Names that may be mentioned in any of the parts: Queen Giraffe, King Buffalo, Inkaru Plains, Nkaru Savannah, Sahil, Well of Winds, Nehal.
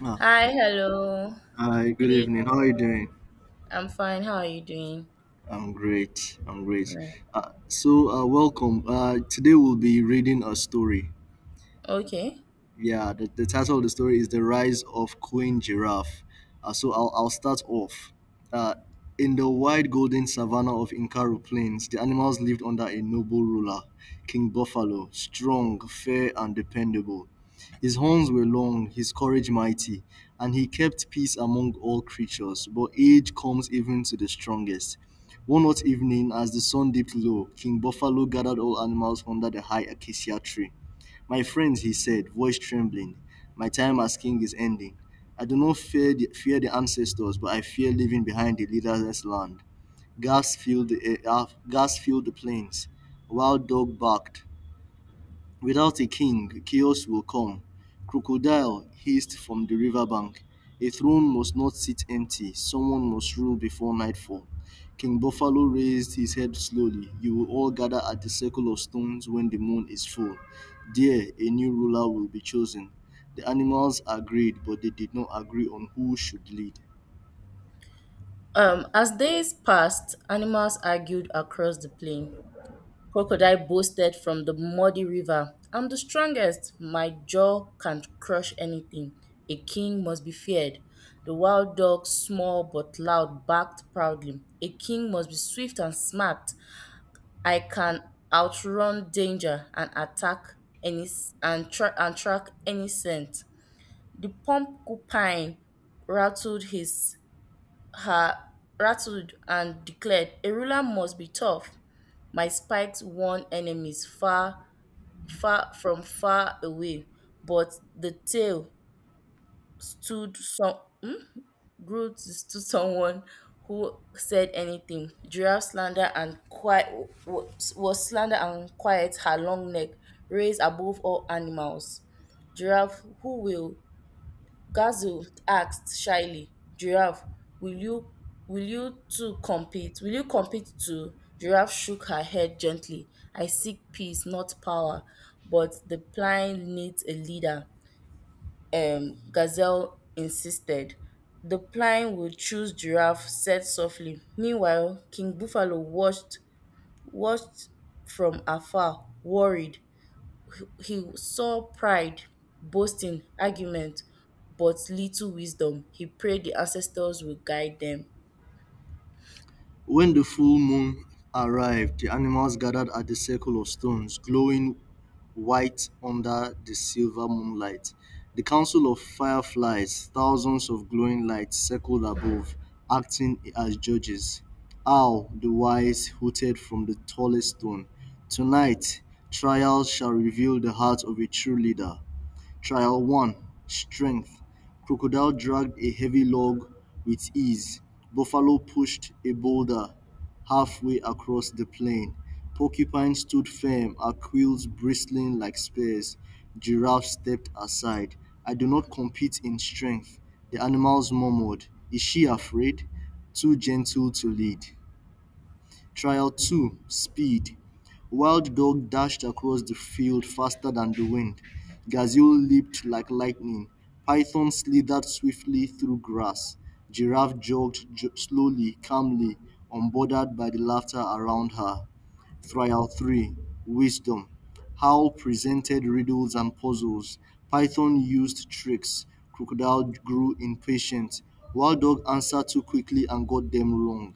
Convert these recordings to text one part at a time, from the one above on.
Ah, Hi, hello. Hi, Good good evening. evening. How are you doing? I'm fine. How are you doing? I'm great. I'm great. Right. So, welcome. Today we'll be reading a story. Okay. Yeah, the title of the story is The Rise of Queen Giraffe. So I'll start off. Uh, in the wide golden savannah of Inkaru Plains, the animals lived under a noble ruler, King Buffalo, strong, fair, and dependable. His horns were long, his courage mighty, and he kept peace among all creatures. But age comes even to the strongest. One hot evening, as the sun dipped low, King Buffalo gathered all animals under the high acacia tree. My friends, he said, voice trembling, my time as king is ending. I do not fear the ancestors, but I fear leaving behind the leaderless land. Gas filled the air, gas filled the plains. Wild dog barked. Without a king, chaos will come. Crocodile hissed from the riverbank. A throne must not sit empty. Someone must rule before nightfall. King Buffalo raised his head slowly. You will all gather at the circle of stones when the moon is full. There, a new ruler will be chosen. The animals agreed, but they did not agree on who should lead. As days passed, animals argued across the plain. Crocodile boasted from the muddy river. I'm the strongest. My jaw can crush anything. A king must be feared. The wild dog, small but loud, barked proudly. A king must be swift and smart. I can outrun danger and attack any s- and, tra- and track any scent. The porcupine rattled his her rattled and declared, "A ruler must be tough. My spikes warn enemies far away." But the tale stood some, grew to stood someone who said anything. Giraffe slander and quiet was slander and quiet, her long neck raised above all animals. Giraffe who will Gazelle asked shyly, Giraffe, will you will you two compete? Will you compete too? Giraffe shook her head gently. I seek peace, not power, but the plain needs a leader. Gazelle insisted. The plain will choose Giraffe, said softly. Meanwhile, King Buffalo watched from afar, worried. He saw pride, boasting, argument, but little wisdom. He prayed the ancestors will guide them. When the full moon arrived, the animals gathered at the circle of stones, glowing white under the silver moonlight. The council of fireflies, thousands of glowing lights circled above, acting as judges. Owl, the wise, hooted from the tallest stone. Tonight, trials shall reveal the heart of a true leader. Trial 1. Strength. Crocodile dragged a heavy log with ease. Buffalo pushed a boulder halfway across the plain. Porcupine stood firm, our quills bristling like spears. Giraffe stepped aside. I do not compete in strength. The animals murmured, is she afraid? Too gentle to lead. Trial 2. Speed. Wild Dog dashed across the field faster than the wind. Gazelle leaped like lightning. Python slithered swiftly through grass. Giraffe jogged slowly, calmly, unbothered by the laughter around her. Trial 3. Wisdom. Howl presented riddles and puzzles. Python used tricks. Crocodile grew impatient. Wild Dog answered too quickly and got them wrong.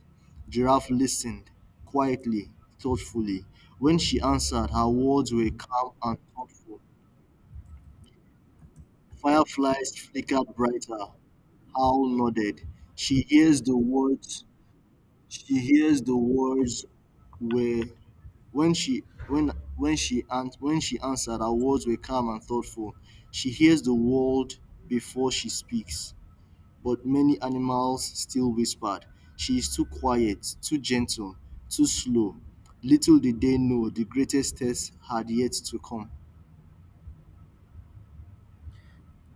Giraffe listened quietly, thoughtfully. When she answered, her words were calm and thoughtful. Fireflies flickered brighter. Howl nodded. She hears the words. She hears the words were When she when when she an when she answered, her words were calm and thoughtful. She hears the world before she speaks, but many animals still whispered. She is too quiet, too gentle, too slow. Little did they know the greatest test had yet to come.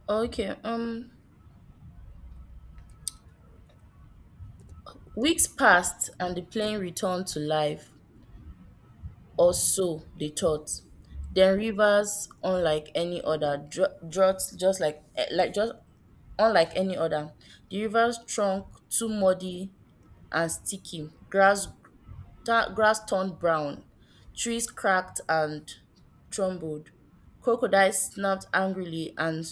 Okay, weeks passed and the plane returned to life, or so they thought. Then rivers, unlike any other, droughts just like like just unlike any other. The river's trunk too muddy and sticky. Grass turned brown, trees cracked and trembled, crocodiles snapped angrily and,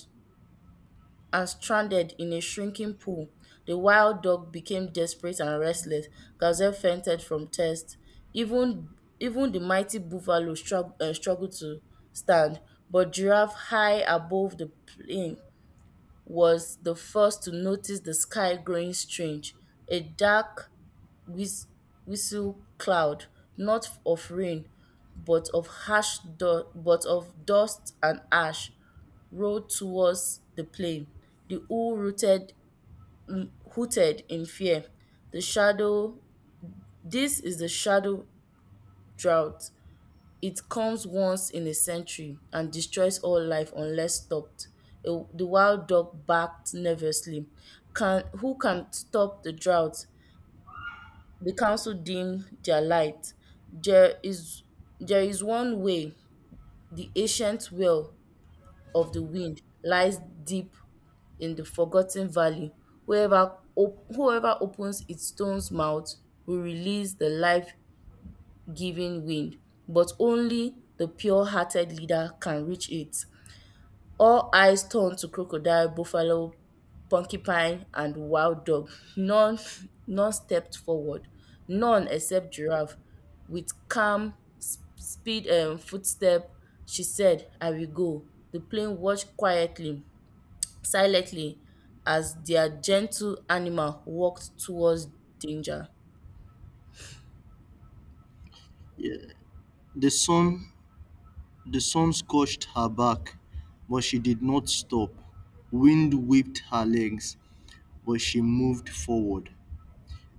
and stranded in a shrinking pool. The wild dog became desperate and restless. Gazelle fainted from thirst. Even the mighty buffalo struggled to stand, but giraffe, high above the plain, was the first to notice the sky growing strange. A dark whis- whistle cloud, not of rain, but of dust and ash, rolled towards the plain. The owl rooted, hooted in fear. The shadow This is the shadow drought. It comes once in a century and destroys all life unless stopped. The wild dog barked nervously. Can Who can stop the drought? The council dimmed their light. There is, there is one way. The ancient well of the wind lies deep in the forgotten valley. Whoever opens its stone's mouth will release the life giving wind, but only the pure hearted leader can reach it. All eyes turned to crocodile, buffalo, porcupine and wild dog. None none stepped forward. None except Giraffe. With calm speed and footstep, she said, I will go. The plane watched quietly, silently, as their gentle animal walked towards danger. Yeah. The sun the sun scorched her back, but she did not stop. Wind whipped her legs, but she moved forward.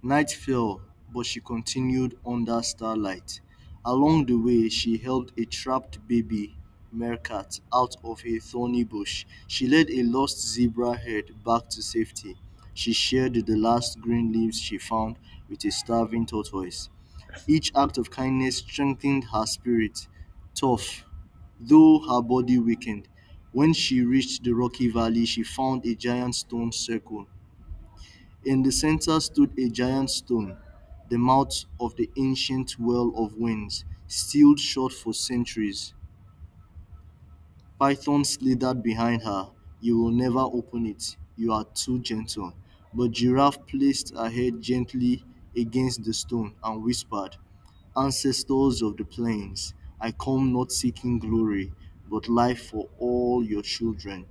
Night fell, but she continued under starlight. Along the way, she helped a trapped baby meerkat out of a thorny bush. She led a lost zebra herd back to safety. She shared the last green leaves she found with a starving tortoise. Each act of kindness strengthened her spirit, tough, though her body weakened. When she reached the rocky valley, she found a giant stone circle. In the center stood a giant stone, the mouth of the ancient Well of Winds, sealed shut for centuries. Python slithered behind her. You will never open it. You are too gentle. But Giraffe placed her head gently against the stone and whispered, ancestors of the plains, I come not seeking glory, but life for all your children.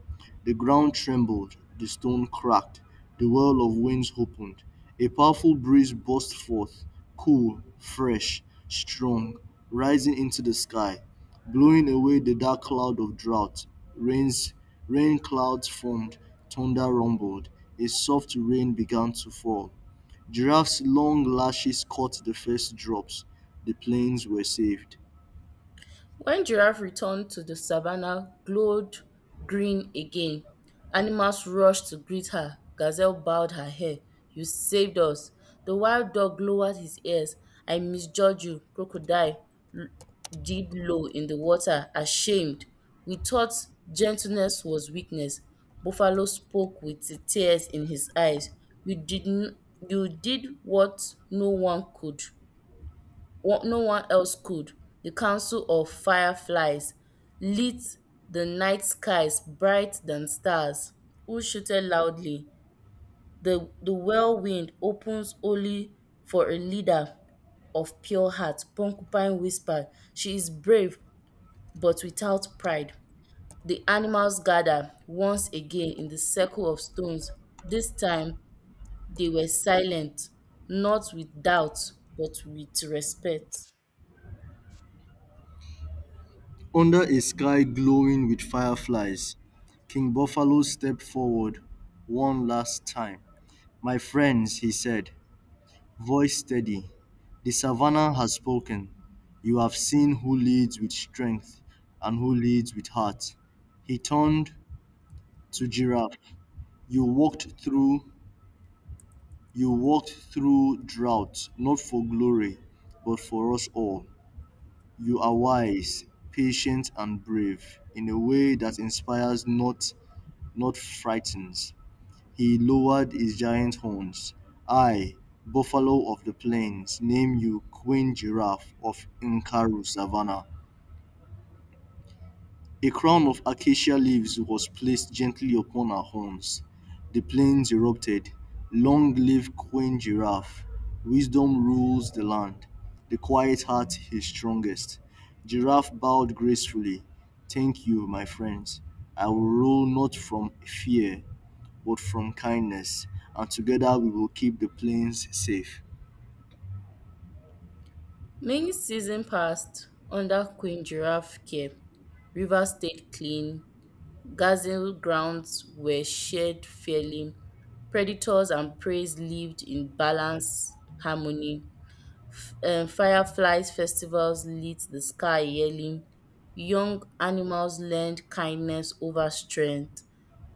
The ground trembled, the stone cracked, the well of winds opened. A powerful breeze burst forth, cool, fresh, strong, rising into the sky, blowing away the dark cloud of drought. Rains, rain clouds formed, thunder rumbled, a soft rain began to fall. Giraffe's long lashes caught the first drops. The plains were saved. When giraffe returned, to the savanna glowed green again. Animals rushed to greet her. Gazelle bowed her head. You saved us. The wild dog lowered his ears. I misjudged you. Crocodile l- did low in the water, ashamed. We thought gentleness was weakness. Buffalo spoke with the tears in his eyes. You did, n- you did what no one could. No one else could. The council of fireflies lit the night skies bright than stars, who shouted loudly. The whirlwind opens only for a leader of pure heart. Porcupine whispered, She is brave, but without pride. The animals gather once again in the circle of stones. This time they were silent, not with doubt, but with respect. Under a sky glowing with fireflies, King Buffalo stepped forward one last time. "My friends," he said, voice steady, "the savannah has spoken. You have seen who leads with strength and who leads with heart." He turned to Giraffe. "You walked through you walked through drought, not for glory, but for us all. You are wise, patient, and brave in a way that inspires, not frightens." He lowered his giant horns. I, buffalo of the plains, name you Queen Giraffe of Nkaru Savannah. A crown of acacia leaves was placed gently upon her horns. The plains erupted. Long live Queen Giraffe. Wisdom rules the land. The quiet heart is strongest. Giraffe bowed gracefully. Thank you, my friends. I will rule not from fear, but from kindness. And together we will keep the plains safe. Many seasons passed under Queen Giraffe care. Rivers stayed clean, gazelle grounds were shared fairly, predators and preys lived in balanced harmony. Fireflies festivals lit the sky yearly. Young animals learned kindness over strength.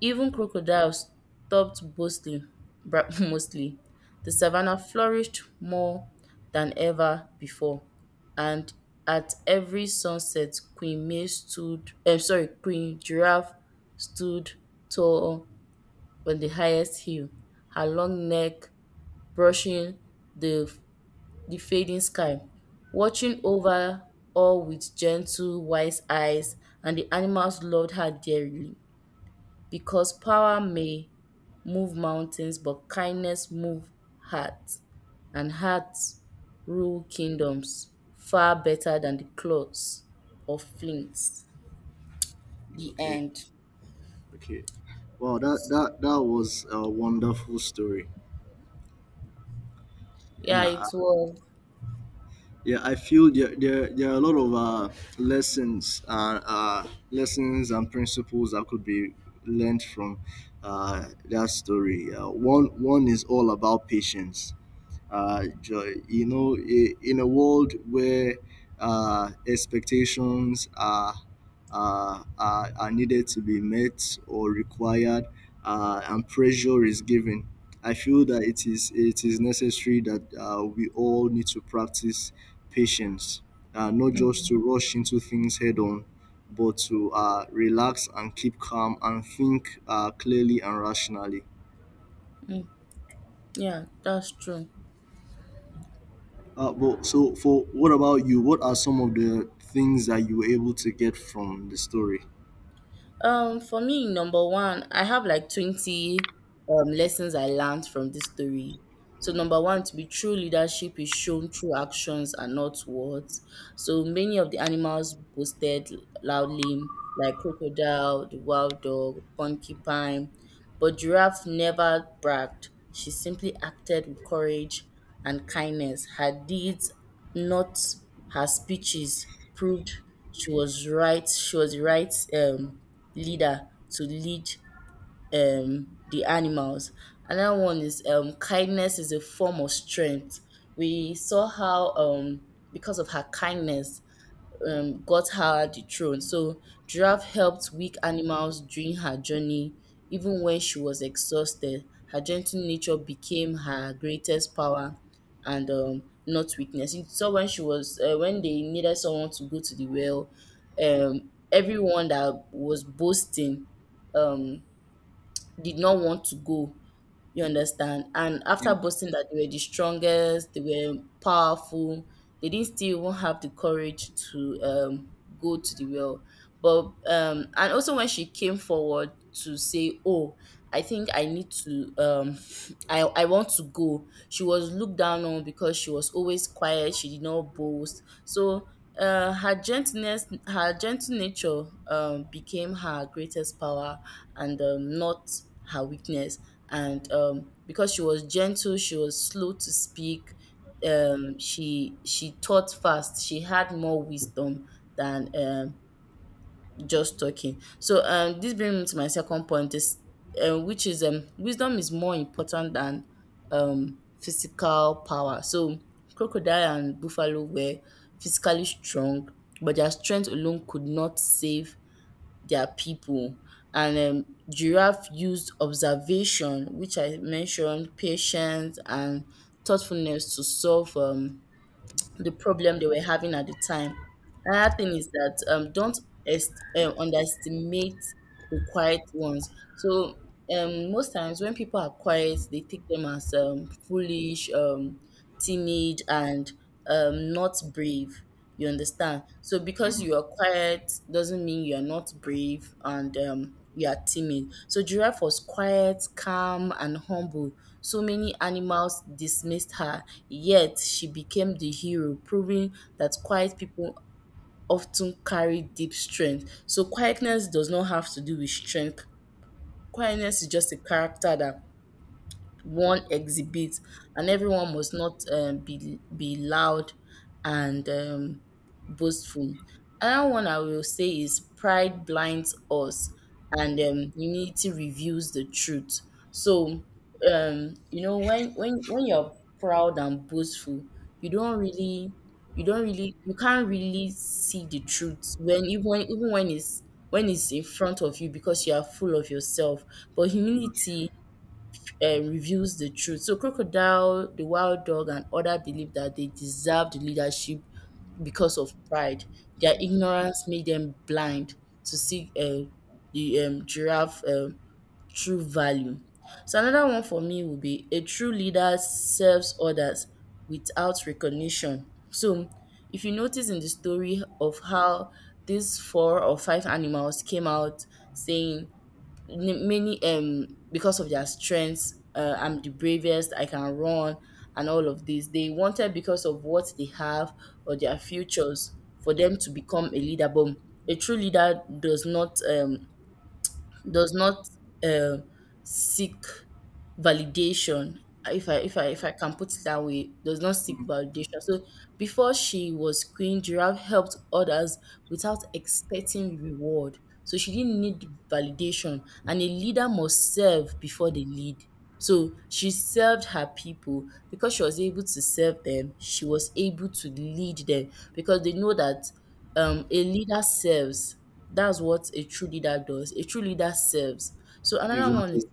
Even crocodiles stopped boasting, mostly. The savannah flourished more than ever before, and at every sunset, Queen May stood, eh, sorry, Queen Giraffe stood tall on the highest hill, her long neck brushing the, the fading sky, watching over all with gentle, wise eyes, and the animals loved her dearly. Because power may move mountains, but kindness moves hearts, and hearts rule kingdoms far better than the clothes of flints. The Okay, end. okay. Wow, that was a wonderful story. Yeah, Yeah. it was. Yeah, I feel there are a lot of lessons and principles that could be learned from that story. One is all about patience, joy. You know, in a world where expectations are needed to be met or required, and pressure is given, I feel that it is necessary that we all need to practice patience, not just to rush into things head on, but to relax and keep calm and think clearly and rationally. Yeah, that's true. But so for what about you? What are some of the things that you were able to get from the story? For me, number one, I have like 20 lessons I learned from this story. So, number one, to be true leadership is shown through actions and not words. So, many of the animals boasted loudly, like crocodile, the wild dog, porcupine, but Giraffe never bragged. She simply acted with courage and kindness. Her deeds, not her speeches, proved she was right. She was the right leader to lead the animals. Another one is, kindness is a form of strength. We saw how, because of her kindness, got her the throne. So giraffe helped weak animals during her journey. Even when she was exhausted, her gentle nature became her greatest power and not weakness. So when she was when they needed someone to go to the well, everyone that was boasting um, did not want to go, you understand? And after boasting that they were the strongest, they were powerful, they didn't still even have the courage to go to the well. But and also when she came forward to say, "Oh, I think I need to, I want to go," she was looked down on because she was always quiet. She did not boast. So her gentle nature became her greatest power and not her weakness. And because she was gentle, she was slow to speak. She taught fast. She had more wisdom than just talking. So this brings me to my second point, is which is, wisdom is more important than physical power. So crocodile and buffalo were physically strong, but their strength alone could not save their people. And giraffe used observation, which I mentioned, patience and thoughtfulness to solve the problem they were having at the time. Another thing is that, don't underestimate the quiet ones. So most times when people are quiet, they take them as foolish. Timid and not brave. You understand? So because you are quiet doesn't mean you are not brave and you are timid. So giraffe was quiet, calm, and humble. So many animals dismissed her, yet she became the hero, proving that quiet people often carry deep strength. So quietness does not have to do with strength. Quietness is just a character that one exhibit, and everyone must not be loud and boastful. Another one I will say is, pride blinds us and humility reveals the truth. So when you're proud and boastful, you don't really you can't really see the truth when it's in front of you, because you are full of yourself. But humility reveals the truth. So crocodile, the wild dog, and other believe that they deserve the leadership because of pride. Their ignorance made them blind to see the giraffe true value. So another one for me would be, a true leader serves others without recognition. So if you notice in the story of how these four or five animals came out saying, many because of their strengths, I'm the bravest, I can run, and all of this, they wanted because of what they have or their futures for them to become a leader, but a true leader does not, does not uh, seek validation, if I can put it that way, does not seek Mm. validation. So, before she was queen, giraffe helped others without expecting reward. So she didn't need validation, and a leader must serve before they lead. So she served her people, because she was able to serve them, she was able to lead them, because they know that a leader serves. That's what a true leader does. A true leader serves. So another one is, Exactly.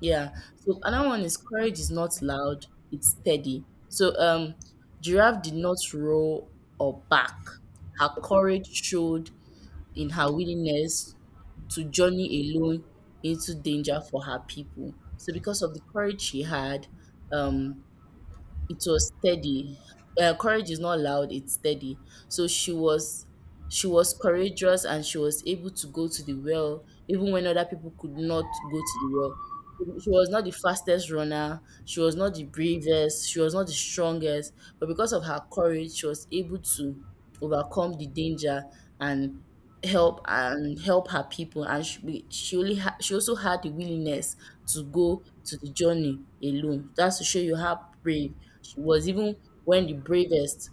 yeah. So another one is, courage is not loud, it's steady. So giraffe did not roar or bark. Her courage showed in her willingness to journey alone into danger for her people. So because of the courage she had, um it was steady. Courage is not loud; it's steady. So she was courageous, and she was able to go to the well even when other people could not go to the well. She was not the fastest runner. She was not the bravest. She was not the strongest. But because of her courage, she was able to overcome the danger and and help her people. And she also had the willingness to go to the journey alone. That's to show you how brave she was, even when the bravest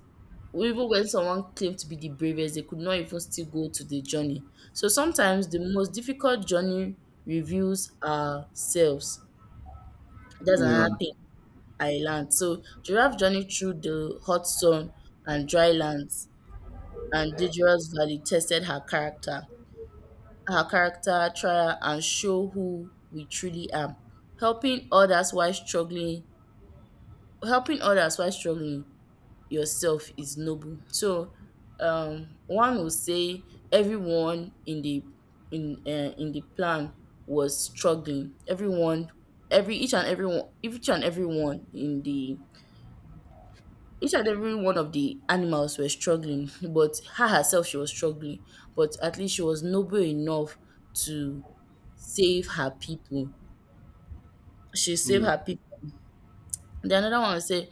even when someone claimed to be the bravest, they could not even still go to the journey. So sometimes the most difficult journey reveals ourselves. That's Yeah. another thing I learned. So Giraffe journey through the hot sun and dry lands and dangerous valley tested her character trial and show who we truly are. Helping others while struggling, helping others while struggling yourself is noble. So one will say everyone in the plan was struggling. Everyone every each and everyone in the each and every one of the animals were struggling, but herself she was struggling. But at least she was noble enough to save her people. She saved Yeah. her people. Then another one will say,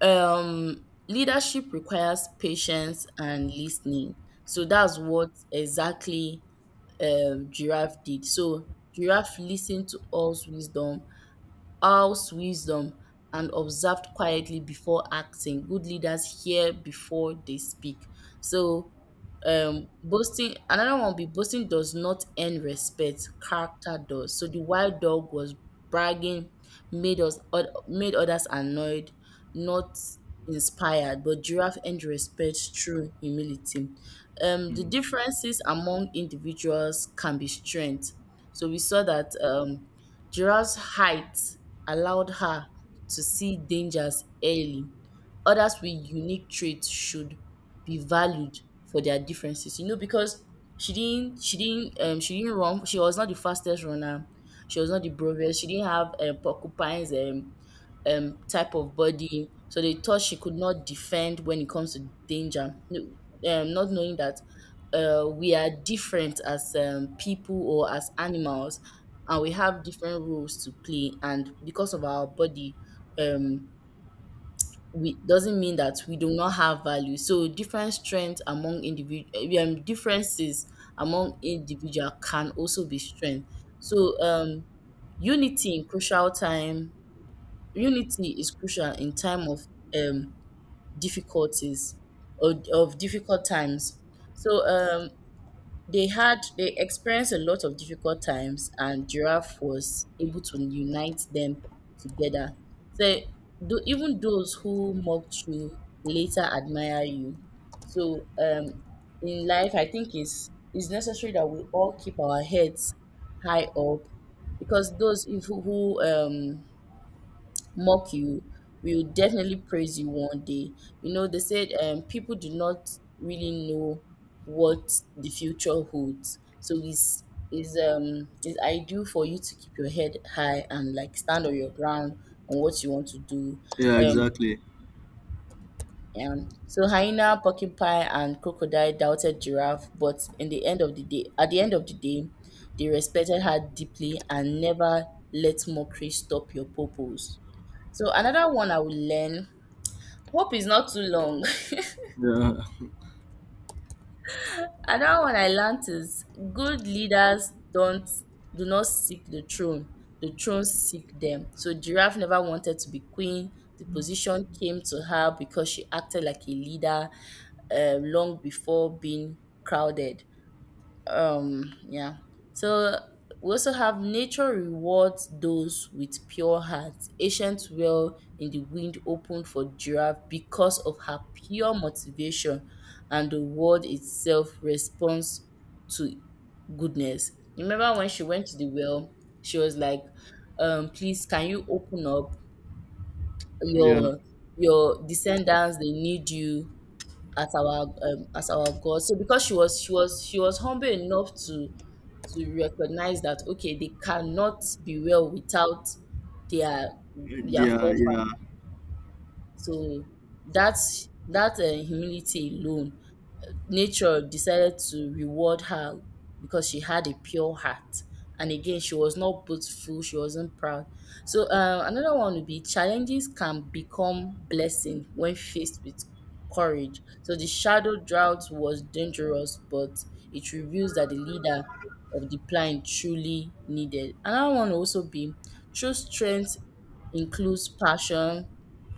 um leadership requires patience and listening, so that's what exactly giraffe did. So giraffe listened to all's wisdom and observed quietly before acting. Good leaders hear before they speak. So boasting another one, be boasting does not earn respect. Character does. So the wild dog was bragging, made others annoyed, not inspired, but giraffe earned respect through humility. The Mm. differences among individuals can be strength. So we saw that, giraffe's height allowed her to see dangers early. Others with unique traits should be valued for their differences, because she didn't run, she was not the fastest runner, she was not the bravest, she didn't have, porcupine's, type of body. So they thought she could not defend when it comes to danger. No. Not knowing that, we are different as, people or as animals, and we have different roles to play. And because of our body, um, we doesn't mean that we do not have value. So different strengths among individual differences among individual can also be strength. So, unity in crucial time, unity is crucial in time of, um, difficulties or of difficult times. So, they experienced a lot of difficult times, and Giraffe was able to unite them together. So, even those who mocked you later admire you. So, in life, I think it's necessary that we all keep our heads high up, because those, who, mock you, we will definitely praise you one day. You know, they said, people do not really know what the future holds. So it's ideal for you to keep your head high and, like, stand on your ground on what you want to do. Yeah. Um Exactly. so hyena, porcupine, and crocodile doubted giraffe, but in the end of the day, at the end of the day, they respected her deeply, and never let mockery stop your purpose. So another one I will learn: hope is not too long. Yeah. Another one I learned is, good leaders don't do not seek the throne. The throne seek them. So Giraffe never wanted to be queen. The position came to her because she acted like a leader, long before being crowded. um yeah so we also have, nature rewards those with pure hearts. Ancient well in the wind opened for giraffe because of her pure motivation, and the world itself responds to goodness. Remember when she went to the well, she was like, please can you open up Yeah. your, descendants, they need you as our, as our God. So because she was humble enough to recognize that, okay, they cannot be well without their their Yeah. Yeah. forefathers. So that's that humility alone, nature decided to reward her because she had a pure heart. And again, she was not boastful, she wasn't proud. So, another one would be, challenges can become blessing when faced with courage. So, the shadow drought was dangerous, but it reveals that the leader of the plan truly needed. Another one will also be, true strength includes passion,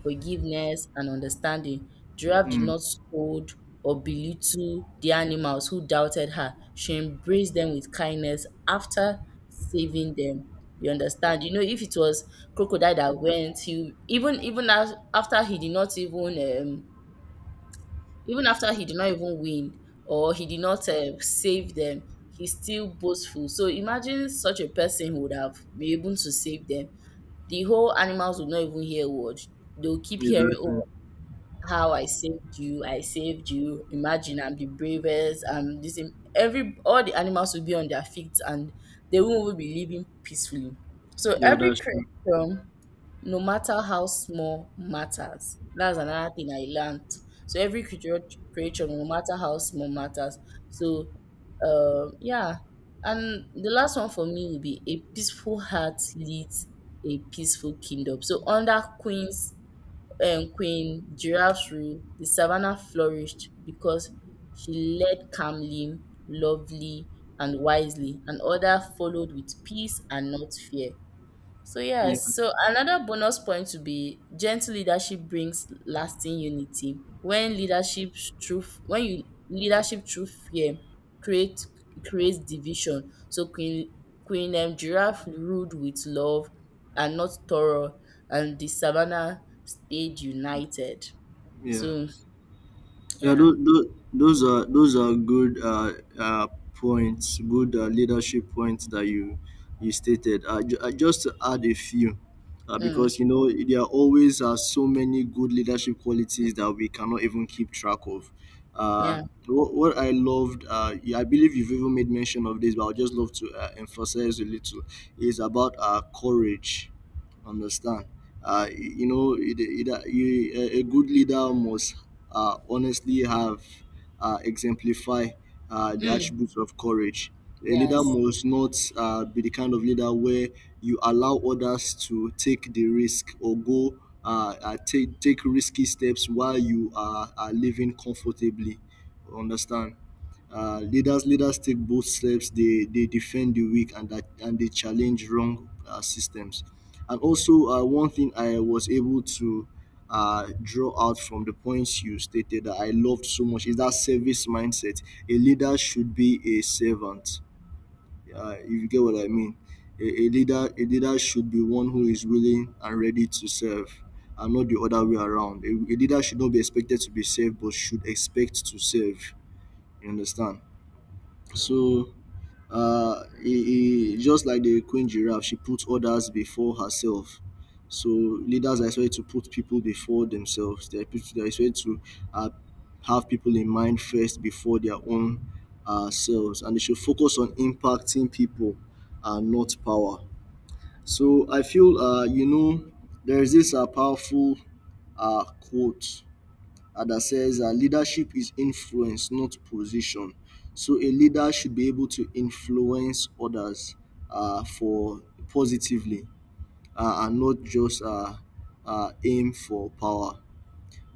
forgiveness, and understanding. Giraffe did Mm. not scold or belittle the animals who doubted her. She embraced them with kindness after saving them. You understand? You know, if it was crocodile that went, he did not even even after he did not even win, or he did not, save them, he's still boastful. So imagine such a person would have been able to save them. The whole animals would not even hear a word. They'll keep hearing, Exactly. oh, how I saved you, I saved you. Imagine I'm the bravest. This every all the animals will be on their feet, and they will be living peacefully. So Yeah. every That's true. creature, no matter how small, matters. That's another thing I learned. So every creature, no matter how small, matters. So, yeah. And the last one for me will be, a peaceful heart leads a peaceful kingdom. So under Queen Giraffe's rule, the savannah flourished because she led calmly, lovely, and wisely, and others followed with peace and not fear. So Yeah. yes, so another bonus point would be, gentle leadership brings lasting unity. When you leadership through fear create creates division. So Queen Queen Giraffe ruled with love and not terror, and the savannah stayed united. Yeah. So Yeah, yeah. those are good points, good leadership points that you stated. I just to add a few, Mm. because you know there always are so many good leadership qualities that we cannot even keep track of. Uh, Yeah. what I loved, yeah, I believe you've even made mention of this, but I would just love to emphasize a little, is about courage. Understand. You know, it, you- a good leader must honestly have exemplify the Mm. attributes of courage. A leader Yes. must not be the kind of leader where you allow others to take the risk or go take risky steps while you are living comfortably. Understand? Leaders take both steps. They defend the weak and they challenge wrong systems. And also, one thing I was able to draw out from the points you stated that I loved so much is that service mindset. A leader should be a servant. If you get what I mean, a leader should be one who is willing and ready to serve, and not the other way around. A leader should not be expected to be served, but should expect to serve. You understand? So just like the queen giraffe, she put others before herself. So leaders are expected to put people before themselves. They are expected to uh, have people in mind first before their own selves, and they should focus on impacting people and not power. So I feel, you know, there is this powerful quote that says leadership is influence, not position. So a leader should be able to influence others for positively, and not just aim for power.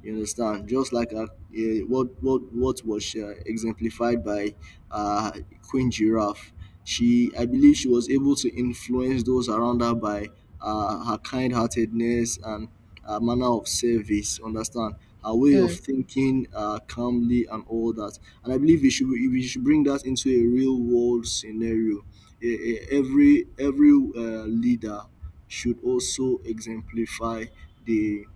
You understand? Just like what was exemplified by uh, Queen Giraffe. She, I believe, she was able to influence those around her by her kind-heartedness and manner of service. Understand? Her way of Mm. thinking calmly and all that. And I believe we should bring that into a real-world scenario. Every leader should also exemplify the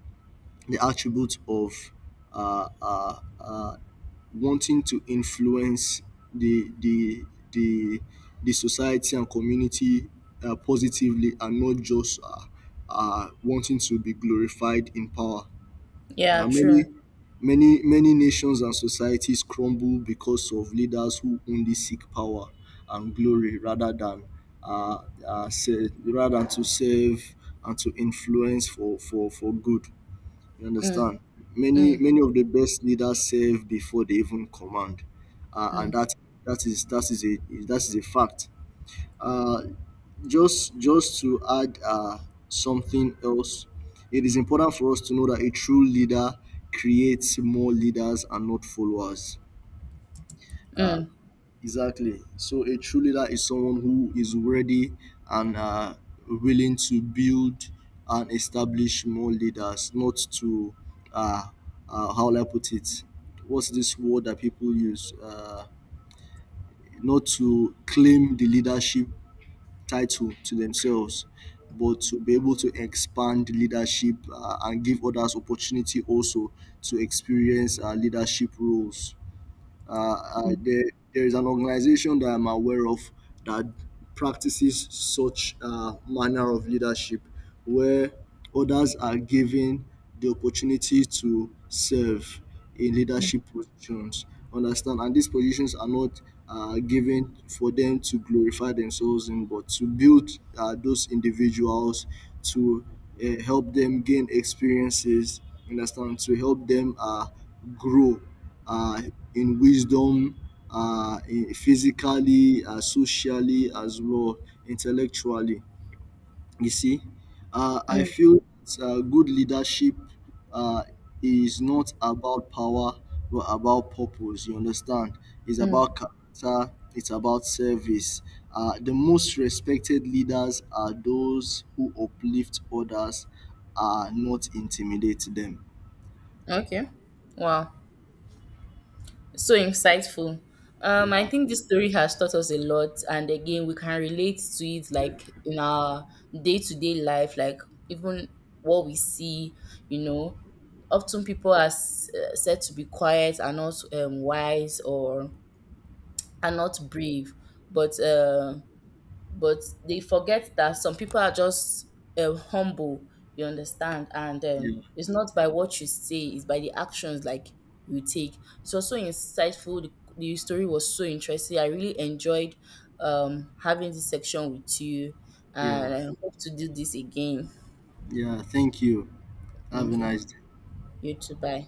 attribute of uh, uh, uh, wanting to influence the the the the society and community positively and not just wanting to be glorified in power. Yeah, Now, true. many nations and societies crumble because of leaders who only seek power and glory rather than uh, rather than to serve and to influence for, good. You Mm. understand? Many Mm. many of the best leaders serve before they even command, and Mm. that that is that is a that is a fact. Uh, just to add something else, it is important for us to know that a true leader creates more leaders and not followers. Uh, Mm. Exactly. So a true leader is someone who is ready and willing to build and establish more leaders, not to uh, how will I put it? What's this word that people use? Not to claim the leadership title to themselves, but to be able to expand leadership and give others opportunity also to experience leadership roles. Uh, I, Mm. there, there is an organization that I'm aware of that practices such manner of leadership where others are given the opportunity to serve in leadership positions. Understand? And these positions are not given for them to glorify themselves in, but to build those individuals, to help them gain experiences, understand, to help them grow uh, in wisdom, in physically, socially, as well, intellectually. You see, I feel that, good leadership uh, is not about power, but about purpose. You understand? It's about character. It's about service. The most respected leaders are those who uplift others, not intimidate them. Okay, wow. So insightful. I Yeah, think this story has taught us a lot, and again, we can relate to it, like, in our day to day life, like, even what we see, you know. Often people are said to be quiet, are not, wise, or are not brave, but, but they forget that some people are just, humble. You understand? And, yeah, it's not by what you say, it's by the actions, like, you take. It was so insightful. The story was so interesting. I really enjoyed, having this section with you, and yeah, I hope to do this again. yeah. Thank you. Have a Okay. nice day. You too. Bye.